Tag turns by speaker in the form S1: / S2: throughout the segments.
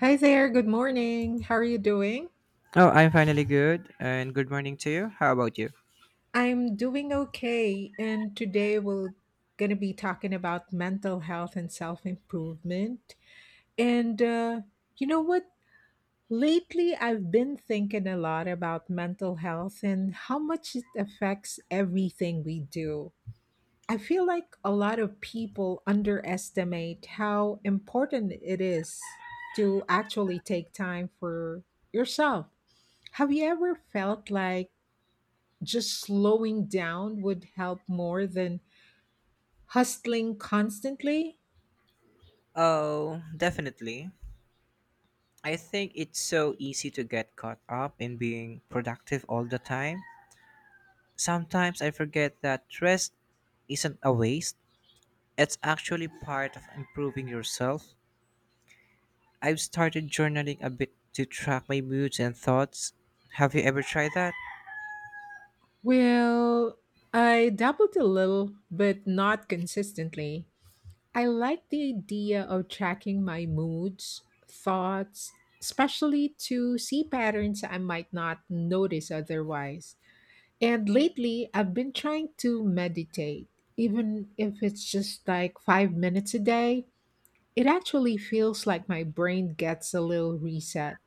S1: Hi there, good morning. How are you doing?
S2: Oh, I'm finally good, and good morning to you. How about you?
S1: I'm doing okay, and today we're going to be talking about mental health and self improvement. And you know what? Lately, I've been thinking a lot about mental health and how much it affects everything we do. I feel like a lot of people underestimate how important it is to actually take time for yourself. Have you ever felt like just slowing down would help more than hustling constantly?
S2: Oh, definitely. I think it's so easy to get caught up in being productive all the time. Sometimes I forget that rest isn't a waste, it's actually part of improving yourself. I've started journaling a bit to track my moods and thoughts. Have you ever tried that?
S1: Well, I dabbled a little, but not consistently. I like the idea of tracking my moods, thoughts, especially to see patterns I might not notice otherwise. And lately, I've been trying to meditate, even if it's just like 5 minutes a day. It actually feels like my brain gets a little reset.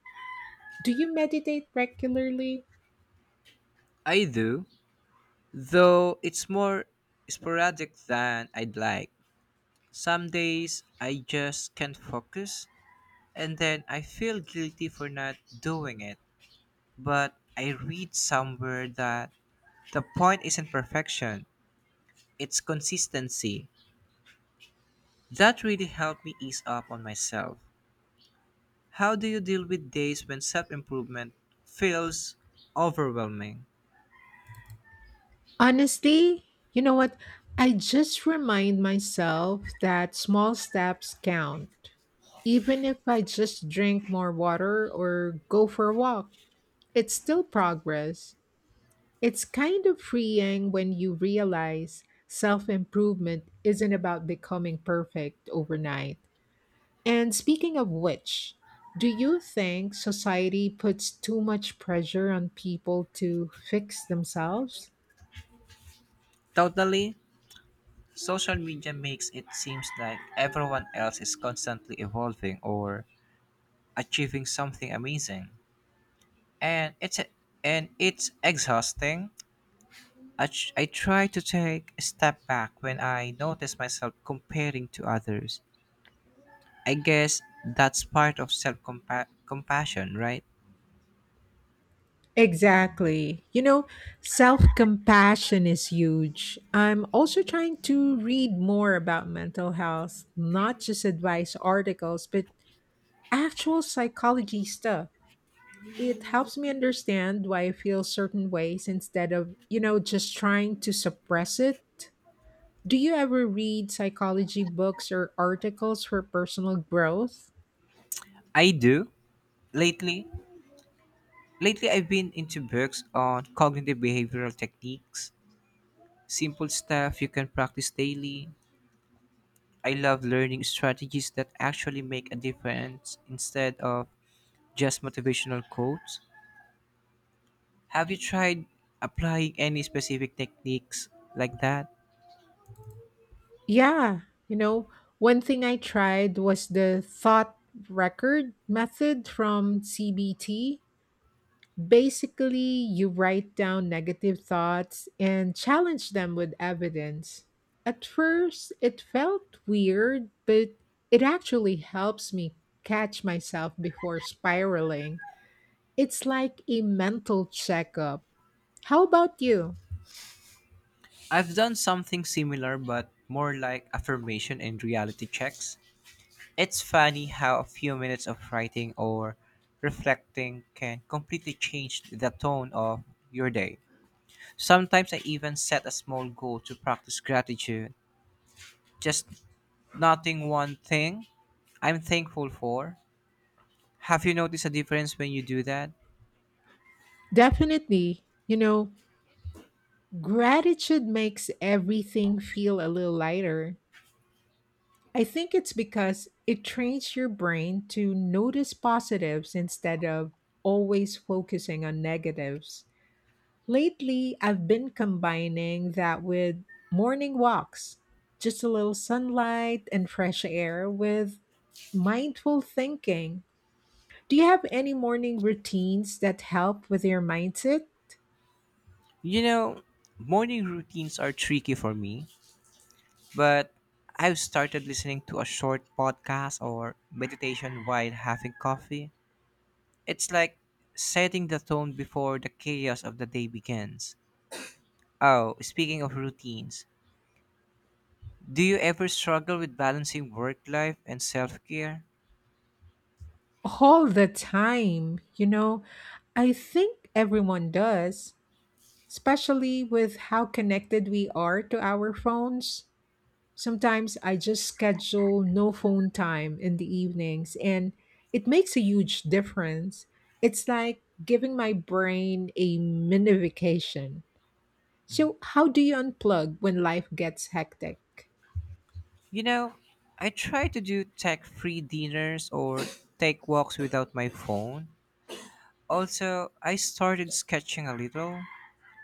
S1: Do you meditate regularly?
S2: I do, though it's more sporadic than I'd like. Some days I just can't focus, and then I feel guilty for not doing it. But I read somewhere that the point isn't perfection, it's consistency. That really helped me ease up on myself. How do you deal with days when self improvement feels overwhelming?
S1: Honestly, you know what? I just remind myself that small steps count. Even if I just drink more water or go for a walk, it's still progress. It's kind of freeing when you realize self improvement isn't about becoming perfect overnight. And speaking of which, do you think society puts too much pressure on people to fix themselves?
S2: Totally, social media makes it seems like everyone else is constantly evolving or achieving something amazing. And it's and it's exhausting. I try to take a step back when I notice myself comparing to others. I guess that's part of self compassion, right?
S1: Exactly. Self compassion is huge. I'm also trying to read more about mental health, not just advice articles, but actual psychology stuff. It helps me understand why I feel certain ways instead of just trying to suppress it. Do you ever read psychology books or articles for personal growth?
S2: I do. Lately, lately, I've been into books on cognitive behavioral techniques, simple stuff you can practice daily. I love learning strategies that actually make a difference instead of just motivational quotes. Have you tried applying any specific techniques like that?
S1: Yeah, you know, one thing I tried was the thought record method from CBT. Basically, you write down negative thoughts and challenge them with evidence. At first, it felt weird, but it actually helps me catch myself before spiraling. It's like a mental checkup. How about you?
S2: I've done something similar, but more like affirmation and reality checks. It's funny how a few minutes of writing or reflecting can completely change the tone of your day. Sometimes I even set a small goal to practice gratitude, just noting one thing I'm thankful for. Have you noticed a difference when you do that?
S1: Definitely. Gratitude makes everything feel a little lighter. I think it's because it trains your brain to notice positives instead of always focusing on negatives. Lately, I've been combining that with morning walks, just a little sunlight and fresh air with mindful thinking. Do you have any morning routines that help with your mindset?
S2: You know, morning routines are tricky for me. But I've started listening to a short podcast or meditation while having coffee. It's like setting the tone before the chaos of the day begins. Oh, speaking of routines, do you ever struggle with balancing work life and self care?
S1: All the time. I think everyone does, especially with how connected we are to our phones. Sometimes I just schedule no phone time in the evenings, and it makes a huge difference. It's like giving my brain a mini vacation. So, how do you unplug when life gets hectic?
S2: You know, I try to do tech free dinners or take walks without my phone. Also, I started sketching a little.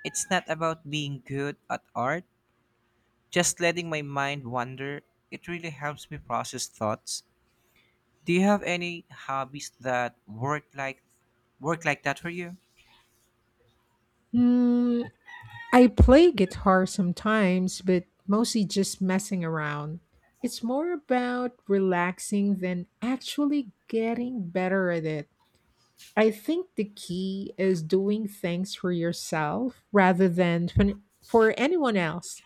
S2: It's not about being good at art, just letting my mind wander, it really helps me process thoughts. Do you have any hobbies that work like that for you?
S1: Hmm, I play guitar sometimes, but mostly just messing around. It's more about relaxing than actually getting better at it. I think the key is doing things for yourself rather than for anyone else.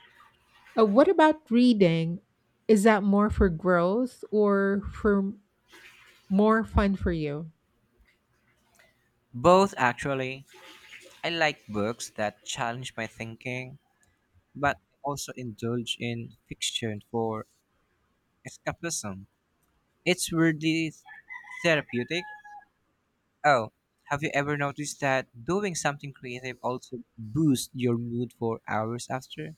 S1: What about reading? Is that more for growth or for more fun for you?
S2: Both actually. I like books that challenge my thinking, but I also indulge in fiction for escapism. It's weirdly therapeutic. Oh, have you ever noticed that doing something creative also boosts your mood for hours after?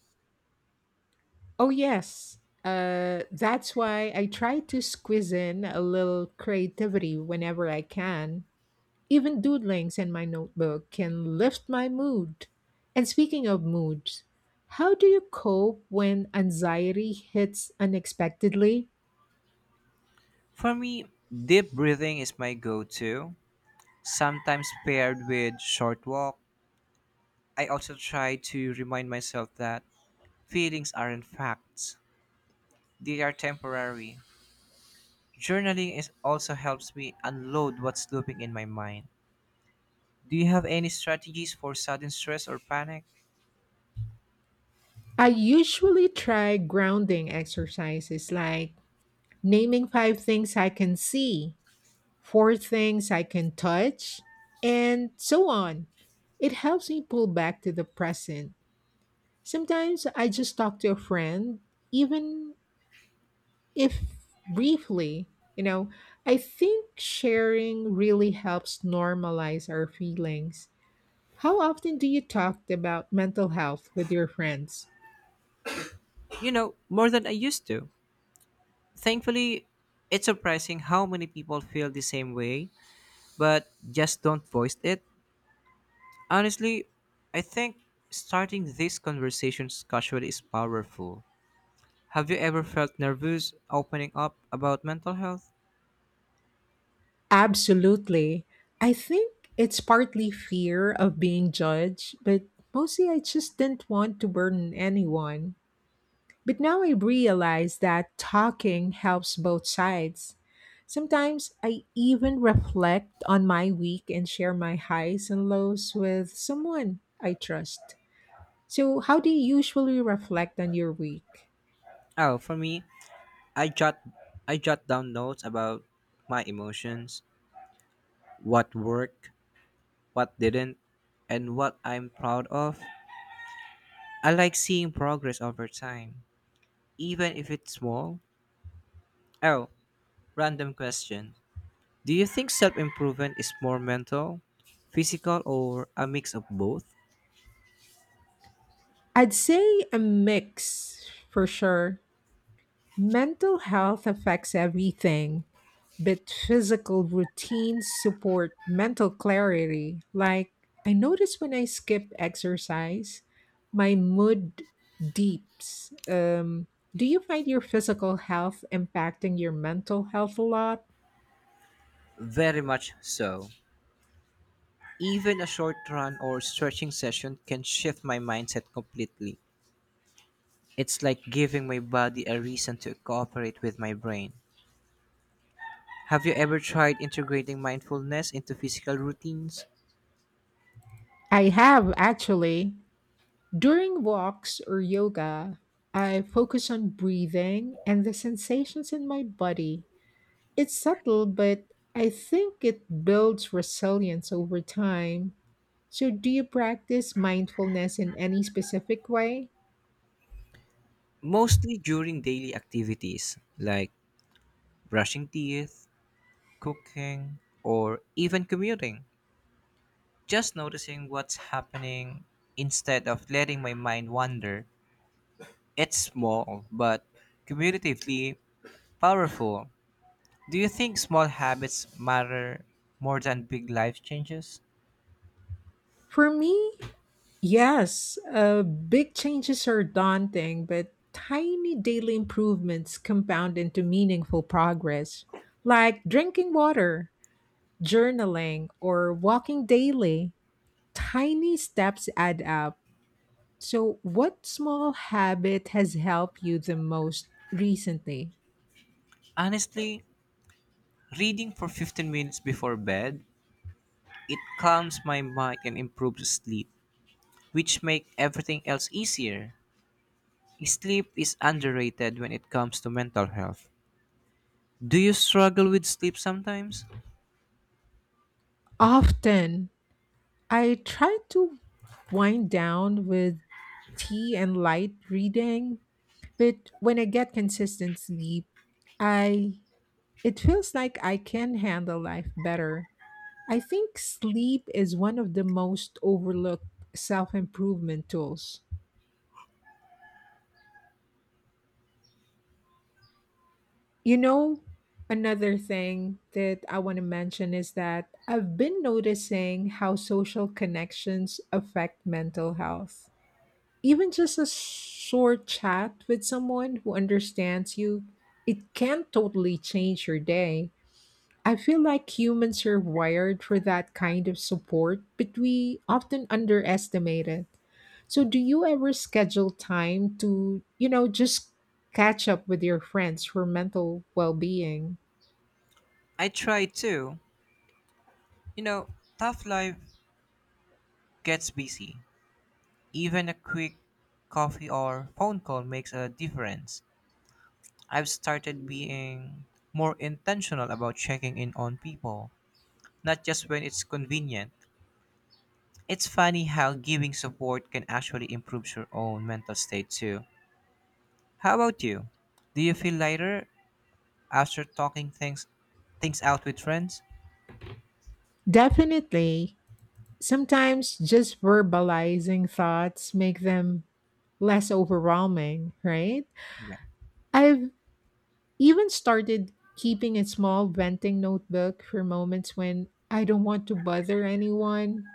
S1: Oh, yes. That's why I try to squeeze in a little creativity whenever I can. Even doodlings in my notebook can lift my mood. And speaking of moods, how do you cope when anxiety hits unexpectedly?
S2: For me, deep breathing is my go to, sometimes paired with short walk. I also try to remind myself that feelings aren't facts. They are temporary. Journaling is also helps me unload what's looping in my mind. Do you have any strategies for sudden stress or panic?
S1: I usually try grounding exercises like naming five things I can see, four things I can touch, and so on. It helps me pull back to the present. Sometimes I just talk to a friend, even if briefly, you know, I think sharing really helps normalize our feelings. How often do you talk about mental health with your friends?
S2: You know, more than I used to. Thankfully, it's surprising how many people feel the same way but just don't voice it. Honestly, I think starting these conversations casually is powerful. Have you ever felt nervous opening up about mental health?
S1: Absolutely. I think it's partly fear of being judged, but mostly I just didn't want to burden anyone. But now I realize that talking helps both sides. Sometimes I even reflect on my week and share my highs and lows with someone I trust. So, how do you usually reflect on your week?
S2: Oh, for me, I jot I jot down notes about my emotions, what worked, what didn't, and what I'm proud of. I like seeing progress over time, even if it's small. Oh, random question. Do you think self-improvement is more mental, physical, or a mix of both?
S1: I'd say a mix for sure. Mental health affects everything, but physical routines support mental clarity. Like, I notice when I skip exercise, my mood deeps. Do you find your physical health impacting your mental health a lot?
S2: Very much so. Even a short run or stretching session can shift my mindset completely. It's like giving my body a reason to cooperate with my brain. Have you ever tried integrating mindfulness into physical routines?
S1: I have actually. During walks or yoga, I focus on breathing and the sensations in my body. It's subtle, but I think it builds resilience over time. So, do you practice mindfulness in any specific way?
S2: Mostly during daily activities like brushing teeth, cooking, or even commuting. Just noticing what's happening instead of letting my mind wander. It's small, but cumulatively powerful. Do you think small habits matter more than big life changes?
S1: For me, yes. Big changes are daunting, but tiny daily improvements compound into meaningful progress, like drinking water, journaling, or walking daily. Tiny steps add up. So, what small habit has helped you the most recently?
S2: Honestly, reading for 15 minutes before bed, it calms my mind and improves sleep, which make everything else easier. Sleep is underrated when it comes to mental health. Do you struggle with sleep sometimes?
S1: Often, I try to wind down with tea and light reading, but when I get consistent sleep, I it feels like I can handle life better. I think sleep is one of the most overlooked self-improvement tools. You know, another thing that I want to mention is that I've been noticing how social connections affect mental health. Even just a short chat with someone who understands you, it can totally change your day. I feel like humans are wired for that kind of support, but we often underestimate it. So, do you ever schedule time to just catch up with your friends for mental well being?
S2: I try to. You know, tough life gets busy. Even a quick coffee or phone call makes a difference. I've started being more intentional about checking in on people, not just when it's convenient. It's funny how giving support can actually improve your own mental state too. How about you? Do you feel lighter after talking things out with friends?
S1: Definitely. Sometimes just verbalizing thoughts make them less overwhelming, right?
S2: Yeah.
S1: I've even started keeping a small venting notebook for moments when I don't want to bother anyone.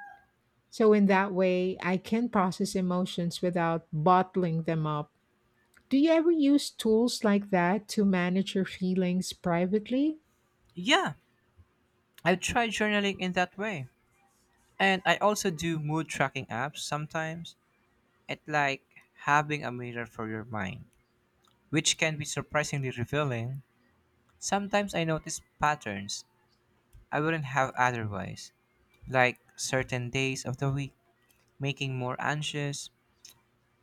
S1: So, in that way, I can process emotions without bottling them up. Do you ever use tools like that to manage your feelings privately?
S2: Yeah, I tried journaling in that way. And I also do mood tracking apps sometimes. It's like having a mirror for your mind, which can be surprisingly revealing. Sometimes I notice patterns I wouldn't have otherwise, like certain days of the week making more anxious.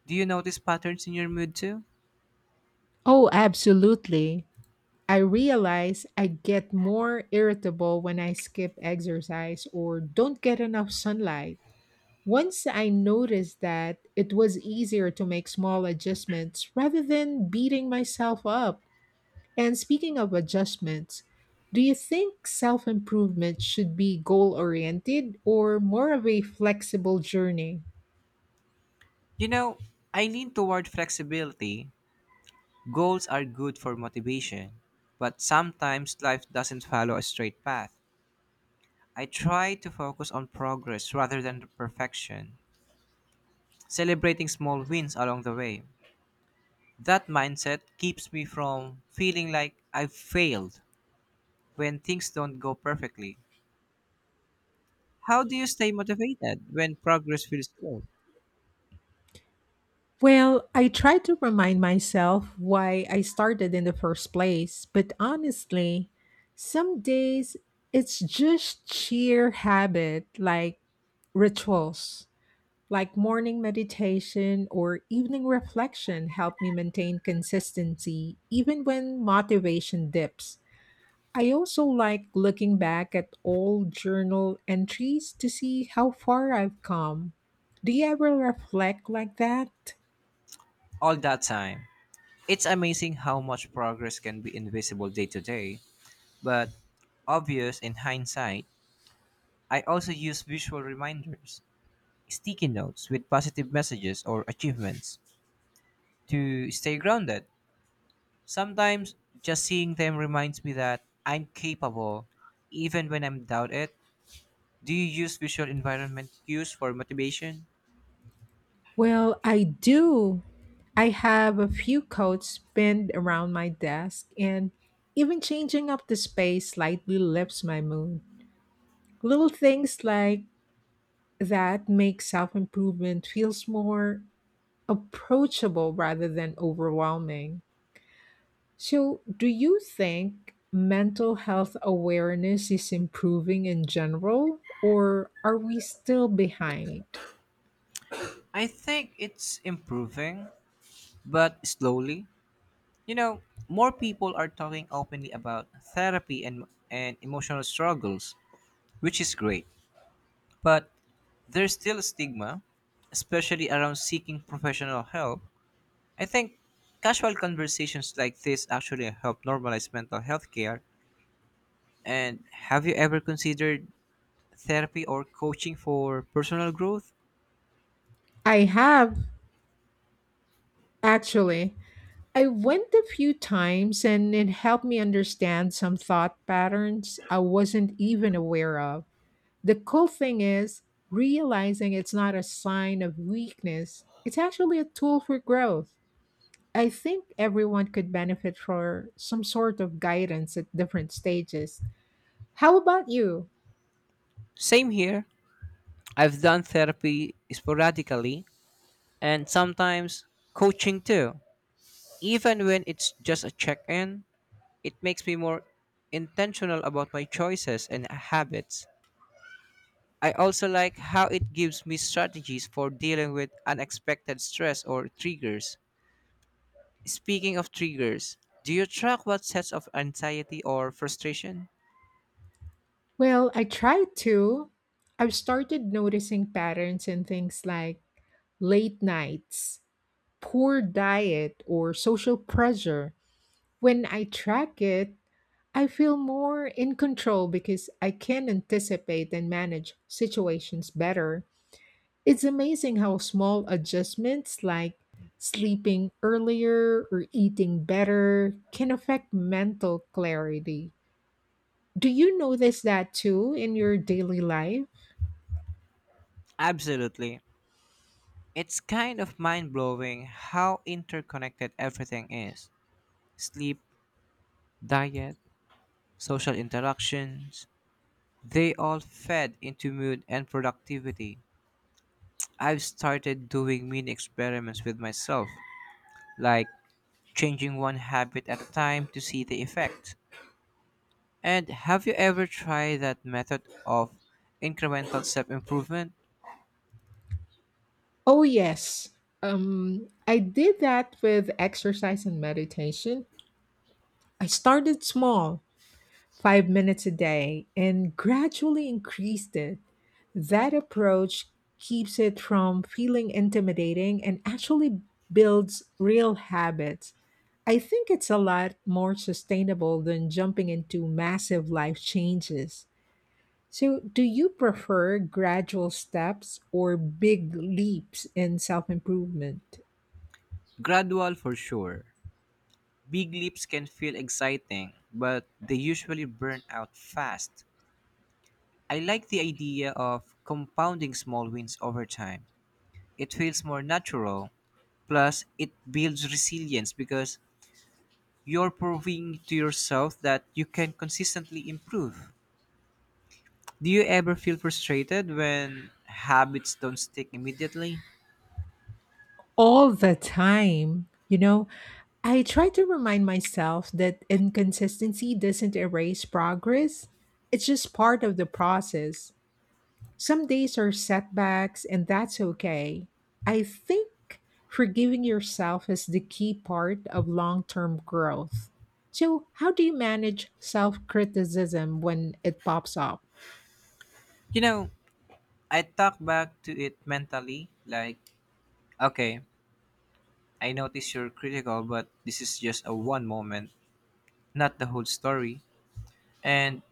S2: Do you notice patterns in your mood too?
S1: Oh, absolutely. I realize I get more irritable when I skip exercise or don't get enough sunlight. Once I noticed that, it was easier to make small adjustments rather than beating myself up. And speaking of adjustments, do you think self improvement should be goal oriented or more of a flexible journey?
S2: You know, I lean toward flexibility. Goals are good for motivation, but sometimes life doesn't follow a straight path. I try to focus on progress rather than perfection, celebrating small wins along the way. That mindset keeps me from feeling like I've failed when things don't go perfectly. How do you stay motivated when progress feels slow
S1: Well, I try to remind myself why I started in the first place, but honestly, some days it's just sheer habit, like rituals. Like morning meditation or evening reflection help me maintain consistency even when motivation dips. I also like looking back at old journal entries to see how far I've come. Do you ever reflect like that?
S2: all that time? It's amazing how much progress can be invisible day to day, but obvious in hindsight. I also use visual reminders, sticky notes with positive messages or achievements to stay grounded. Sometimes just seeing them reminds me that I'm capable even when I'm doubted. Do you use visual environment cues for motivation?
S1: Well, I do. I have a few coats pinned around my desk, and even changing up the space slightly lifts my mood. Little things like that makes self improvement feels more approachable rather than overwhelming. So, do you think mental health awareness is improving in general, or are we still behind?
S2: I think it's improving, but slowly. You know, more people are talking openly about therapy and emotional struggles, which is great. But there's still a stigma, especially around seeking professional help. I think casual conversations like this actually help normalize mental health care. And have you ever considered therapy or coaching for personal growth?
S1: I have actually. I went a few times and it helped me understand some thought patterns I wasn't even aware of. The cool thing is realizing it's not a sign of weakness, it's actually a tool for growth. I think everyone could benefit for some sort of guidance at different stages. How about you?
S2: Same here. I've done therapy sporadically and sometimes coaching too, even when it's just a check in. It makes me more intentional about my choices and habits. I also like how it gives me strategies for dealing with unexpected stress or triggers. Speaking of triggers, do you track what sets of anxiety or frustration?
S1: Well, I try to. I've started noticing patterns in things like late nights, poor diet, or social pressure. When I track it, I feel more in control because I can anticipate and manage situations better. It's amazing how small adjustments like sleeping earlier or eating better can affect mental clarity. Do you notice that too in your daily life?
S2: Absolutely. It's kind of mind blowing how interconnected everything is. Sleep, diet, social interactions, they all fed into mood and productivity. I've started doing mini experiments with myself, like changing one habit at a time to see the effect. And have you ever tried that method of incremental self improvement?
S1: Oh, yes. I did that with exercise and meditation. I started small 5 minutes a day and gradually increased it. That approach keeps it from feeling intimidating and actually builds real habits. I think it's a lot more sustainable than jumping into massive life changes. So, do you prefer gradual steps or big leaps in self improvement?
S2: Gradual for sure. Big leaps can feel exciting, but they usually burn out fast. I like the idea of compounding small wins over time. It feels more natural, plus, it builds resilience because you're proving to yourself that you can consistently improve. Do you ever feel frustrated when habits don't stick immediately?
S1: All the time. I try to remind myself that inconsistency doesn't erase progress, it's just part of the process. Some days are setbacks, and that's okay. I think forgiving yourself is the key part of long term growth. So, how do you manage self criticism when it pops up?
S2: You know, I talk back to it mentally, like, okay, I notice you're critical, but this is just a one moment, not the whole story. And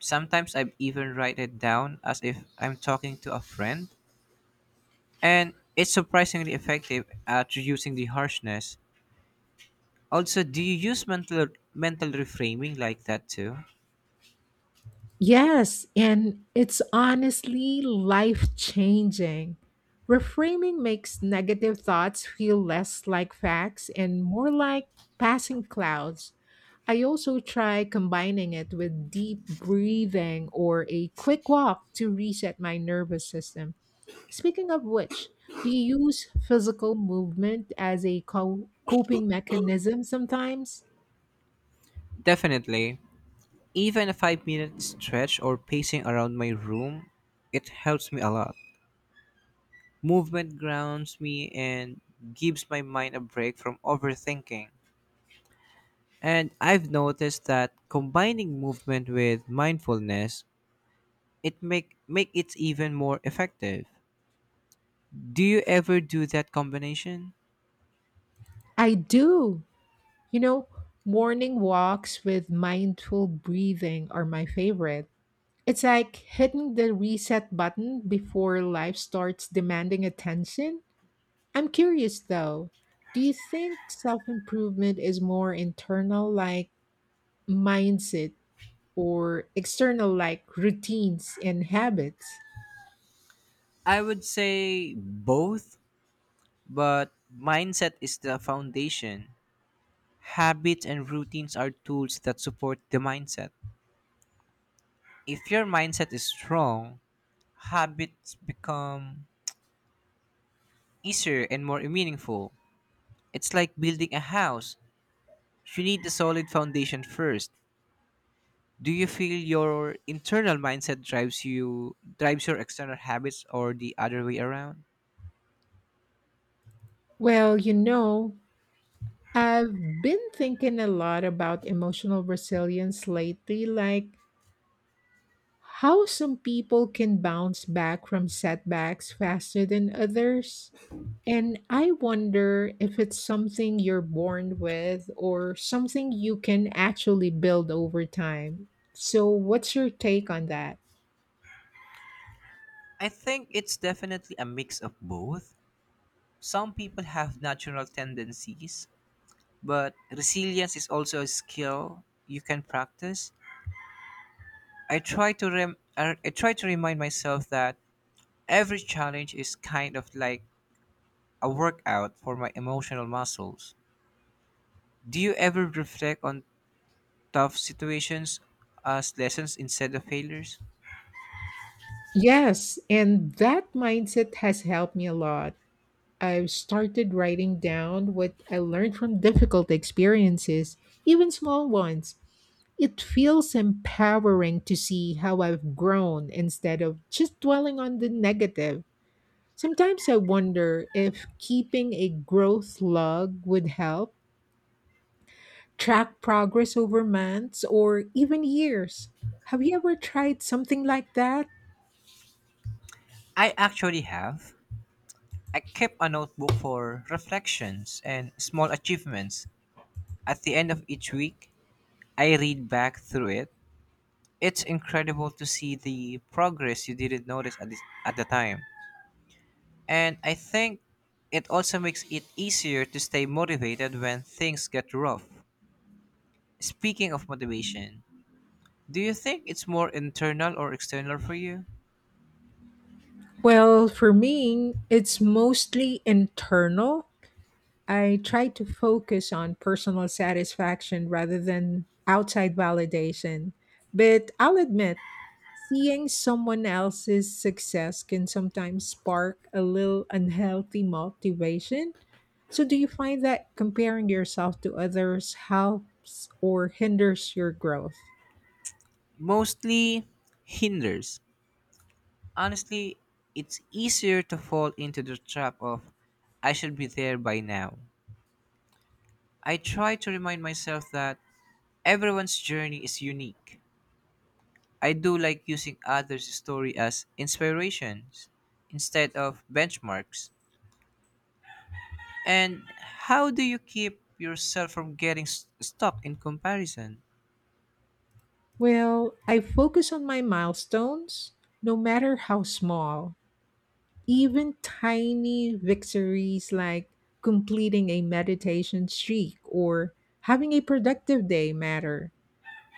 S2: sometimes I even write it down as if I'm talking to a friend. And it's surprisingly effective at reducing the harshness. Also, do you use mental reframing like that too?
S1: Yes, and it's honestly life changing. Reframing makes negative thoughts feel less like facts and more like passing clouds. I also try combining it with deep breathing or a quick walk to reset my nervous system. Speaking of which, do you use physical movement as a coping mechanism sometimes?
S2: Definitely. Even a 5-minute stretch or pacing around my room, it helps me a lot. Movement grounds me and gives my mind a break from overthinking. And I've noticed that combining movement with mindfulness, it make it even more effective. Do you ever do that combination?
S1: I do. You know, morning walks with mindful breathing are my favorite. It's like hitting the reset button before life starts demanding attention. I'm curious though, do you think self improvement is more internal, like mindset, or external, like routines and habits?
S2: I would say both, but mindset is the foundation. Habits and routines are tools that support the mindset. If your mindset is strong, habits become easier and more meaningful. It's like building a house. You need a solid foundation first. Do you feel your internal mindset drives your external habits or the other way around?
S1: Well, I've been thinking a lot about emotional resilience lately, like how some people can bounce back from setbacks faster than others. And I wonder if it's something you're born with or something you can actually build over time. So, what's your take on that?
S2: I think it's definitely a mix of both. Some people have natural tendencies, but resilience is also a skill you can practice. I try to remind myself that every challenge is kind of like a workout for my emotional muscles. Do you ever reflect on tough situations as lessons instead of failures?
S1: Yes, and that mindset has helped me a lot. I've started writing down what I learned from difficult experiences, even small ones. It feels empowering to see how I've grown instead of just dwelling on the negative. Sometimes I wonder if keeping a growth log would help track progress over months or even years. Have you ever tried something like that?
S2: I actually have. I kept a notebook for reflections and small achievements. At the end of each week, I read back through it. It's incredible to see the progress you didn't notice at the time. And I think it also makes it easier to stay motivated when things get rough. Speaking of motivation, do you think it's more internal or external for you?
S1: Well, for me, it's mostly internal. I try to focus on personal satisfaction rather than outside validation. But I'll admit, seeing someone else's success can sometimes spark a little unhealthy motivation. So, do you find that comparing yourself to others helps or hinders your growth?
S2: Mostly hinders. Honestly, it's easier to fall into the trap of I should be there by now. I try to remind myself that everyone's journey is unique. I do like using others' story as inspirations instead of benchmarks. And how do you keep yourself from getting stuck in comparison?
S1: Well, I focus on my milestones, no matter how small. Even tiny victories like completing a meditation streak or having a productive day matter.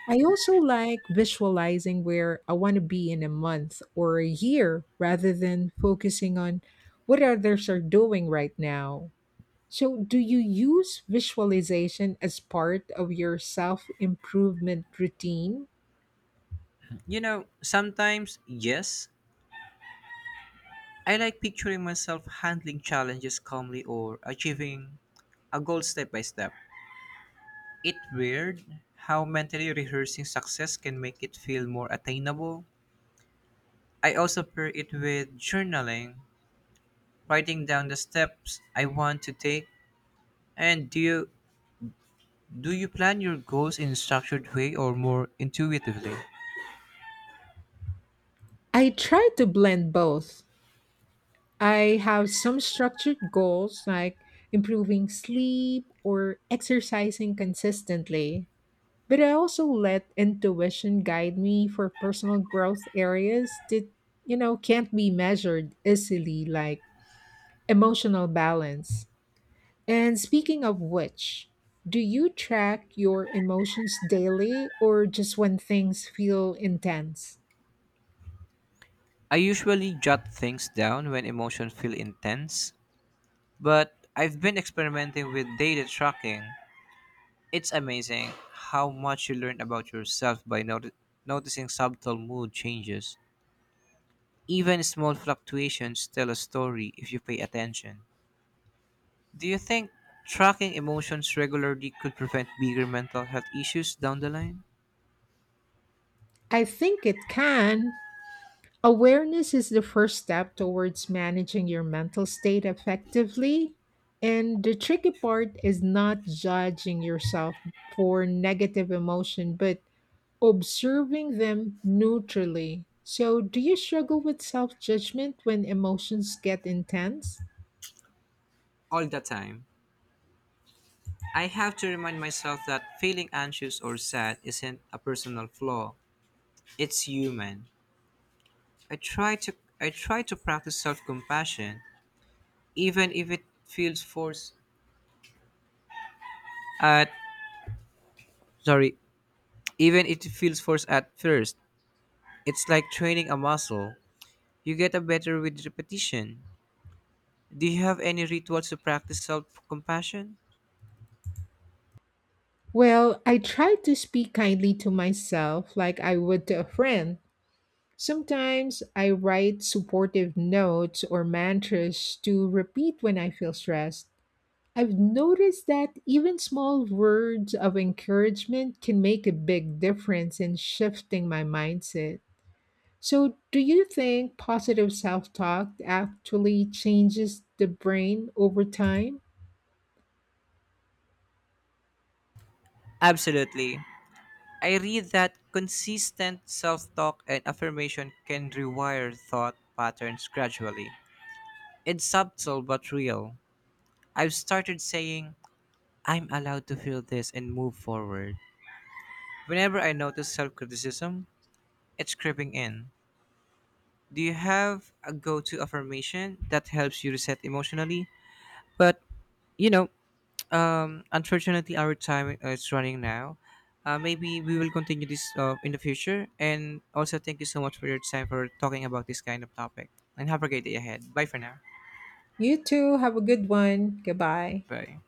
S1: I also like visualizing where I want to be in a month or a year rather than focusing on what others are doing right now. So, do you use visualization as part of your self improvement routine?
S2: You know, sometimes, yes, I like picturing myself handling challenges calmly or achieving a goal step by step. It's weird how mentally rehearsing success can make it feel more attainable. I also pair it with journaling, writing down the steps I want to take. And do you plan your goals in a structured way or more intuitively?
S1: I try to blend both. I have some structured goals like improving sleep or exercising consistently. But I also let intuition guide me for personal growth areas that, can't be measured easily, like emotional balance. And speaking of which, do you track your emotions daily or just when things feel intense?
S2: I usually jot things down when emotions feel intense, but I've been experimenting with data tracking. It's amazing how much you learn about yourself by noticing subtle mood changes. Even small fluctuations tell a story if you pay attention. Do you think tracking emotions regularly could prevent bigger mental health issues down the line?
S1: I think it can. Awareness is the first step towards managing your mental state effectively. And the tricky part is not judging yourself for negative emotion, but observing them neutrally. So, do you struggle with self judgment when emotions get intense?
S2: All the time. I have to remind myself that feeling anxious or sad isn't a personal flaw, it's human. I try to I try to practice self-compassion, even if it feels forced at sorry, even if it feels forced at first. It's like training a muscle. You get a better with repetition. Do you have any rituals to practice self-compassion?
S1: Well, I try to speak kindly to myself like I would to a friend. Sometimes I write supportive notes or mantras to repeat when I feel stressed. I've noticed that even small words of encouragement can make a big difference in shifting my mindset. So, do you think positive self talk actually changes the brain over time?
S2: Absolutely. I read that consistent self-talk and affirmation can rewire thought patterns gradually. It's subtle but real. I've started saying, I'm allowed to feel this and move forward whenever I notice self criticism, it's creeping in. Do you have a go to affirmation that helps you reset emotionally? But, you know, unfortunately, our time is running now. Maybe we will continue this in the future. And also, thank you so much for your time for talking about this kind of topic. And have a great day ahead. Bye for now.
S1: You too, have a good one. Goodbye.
S2: Bye.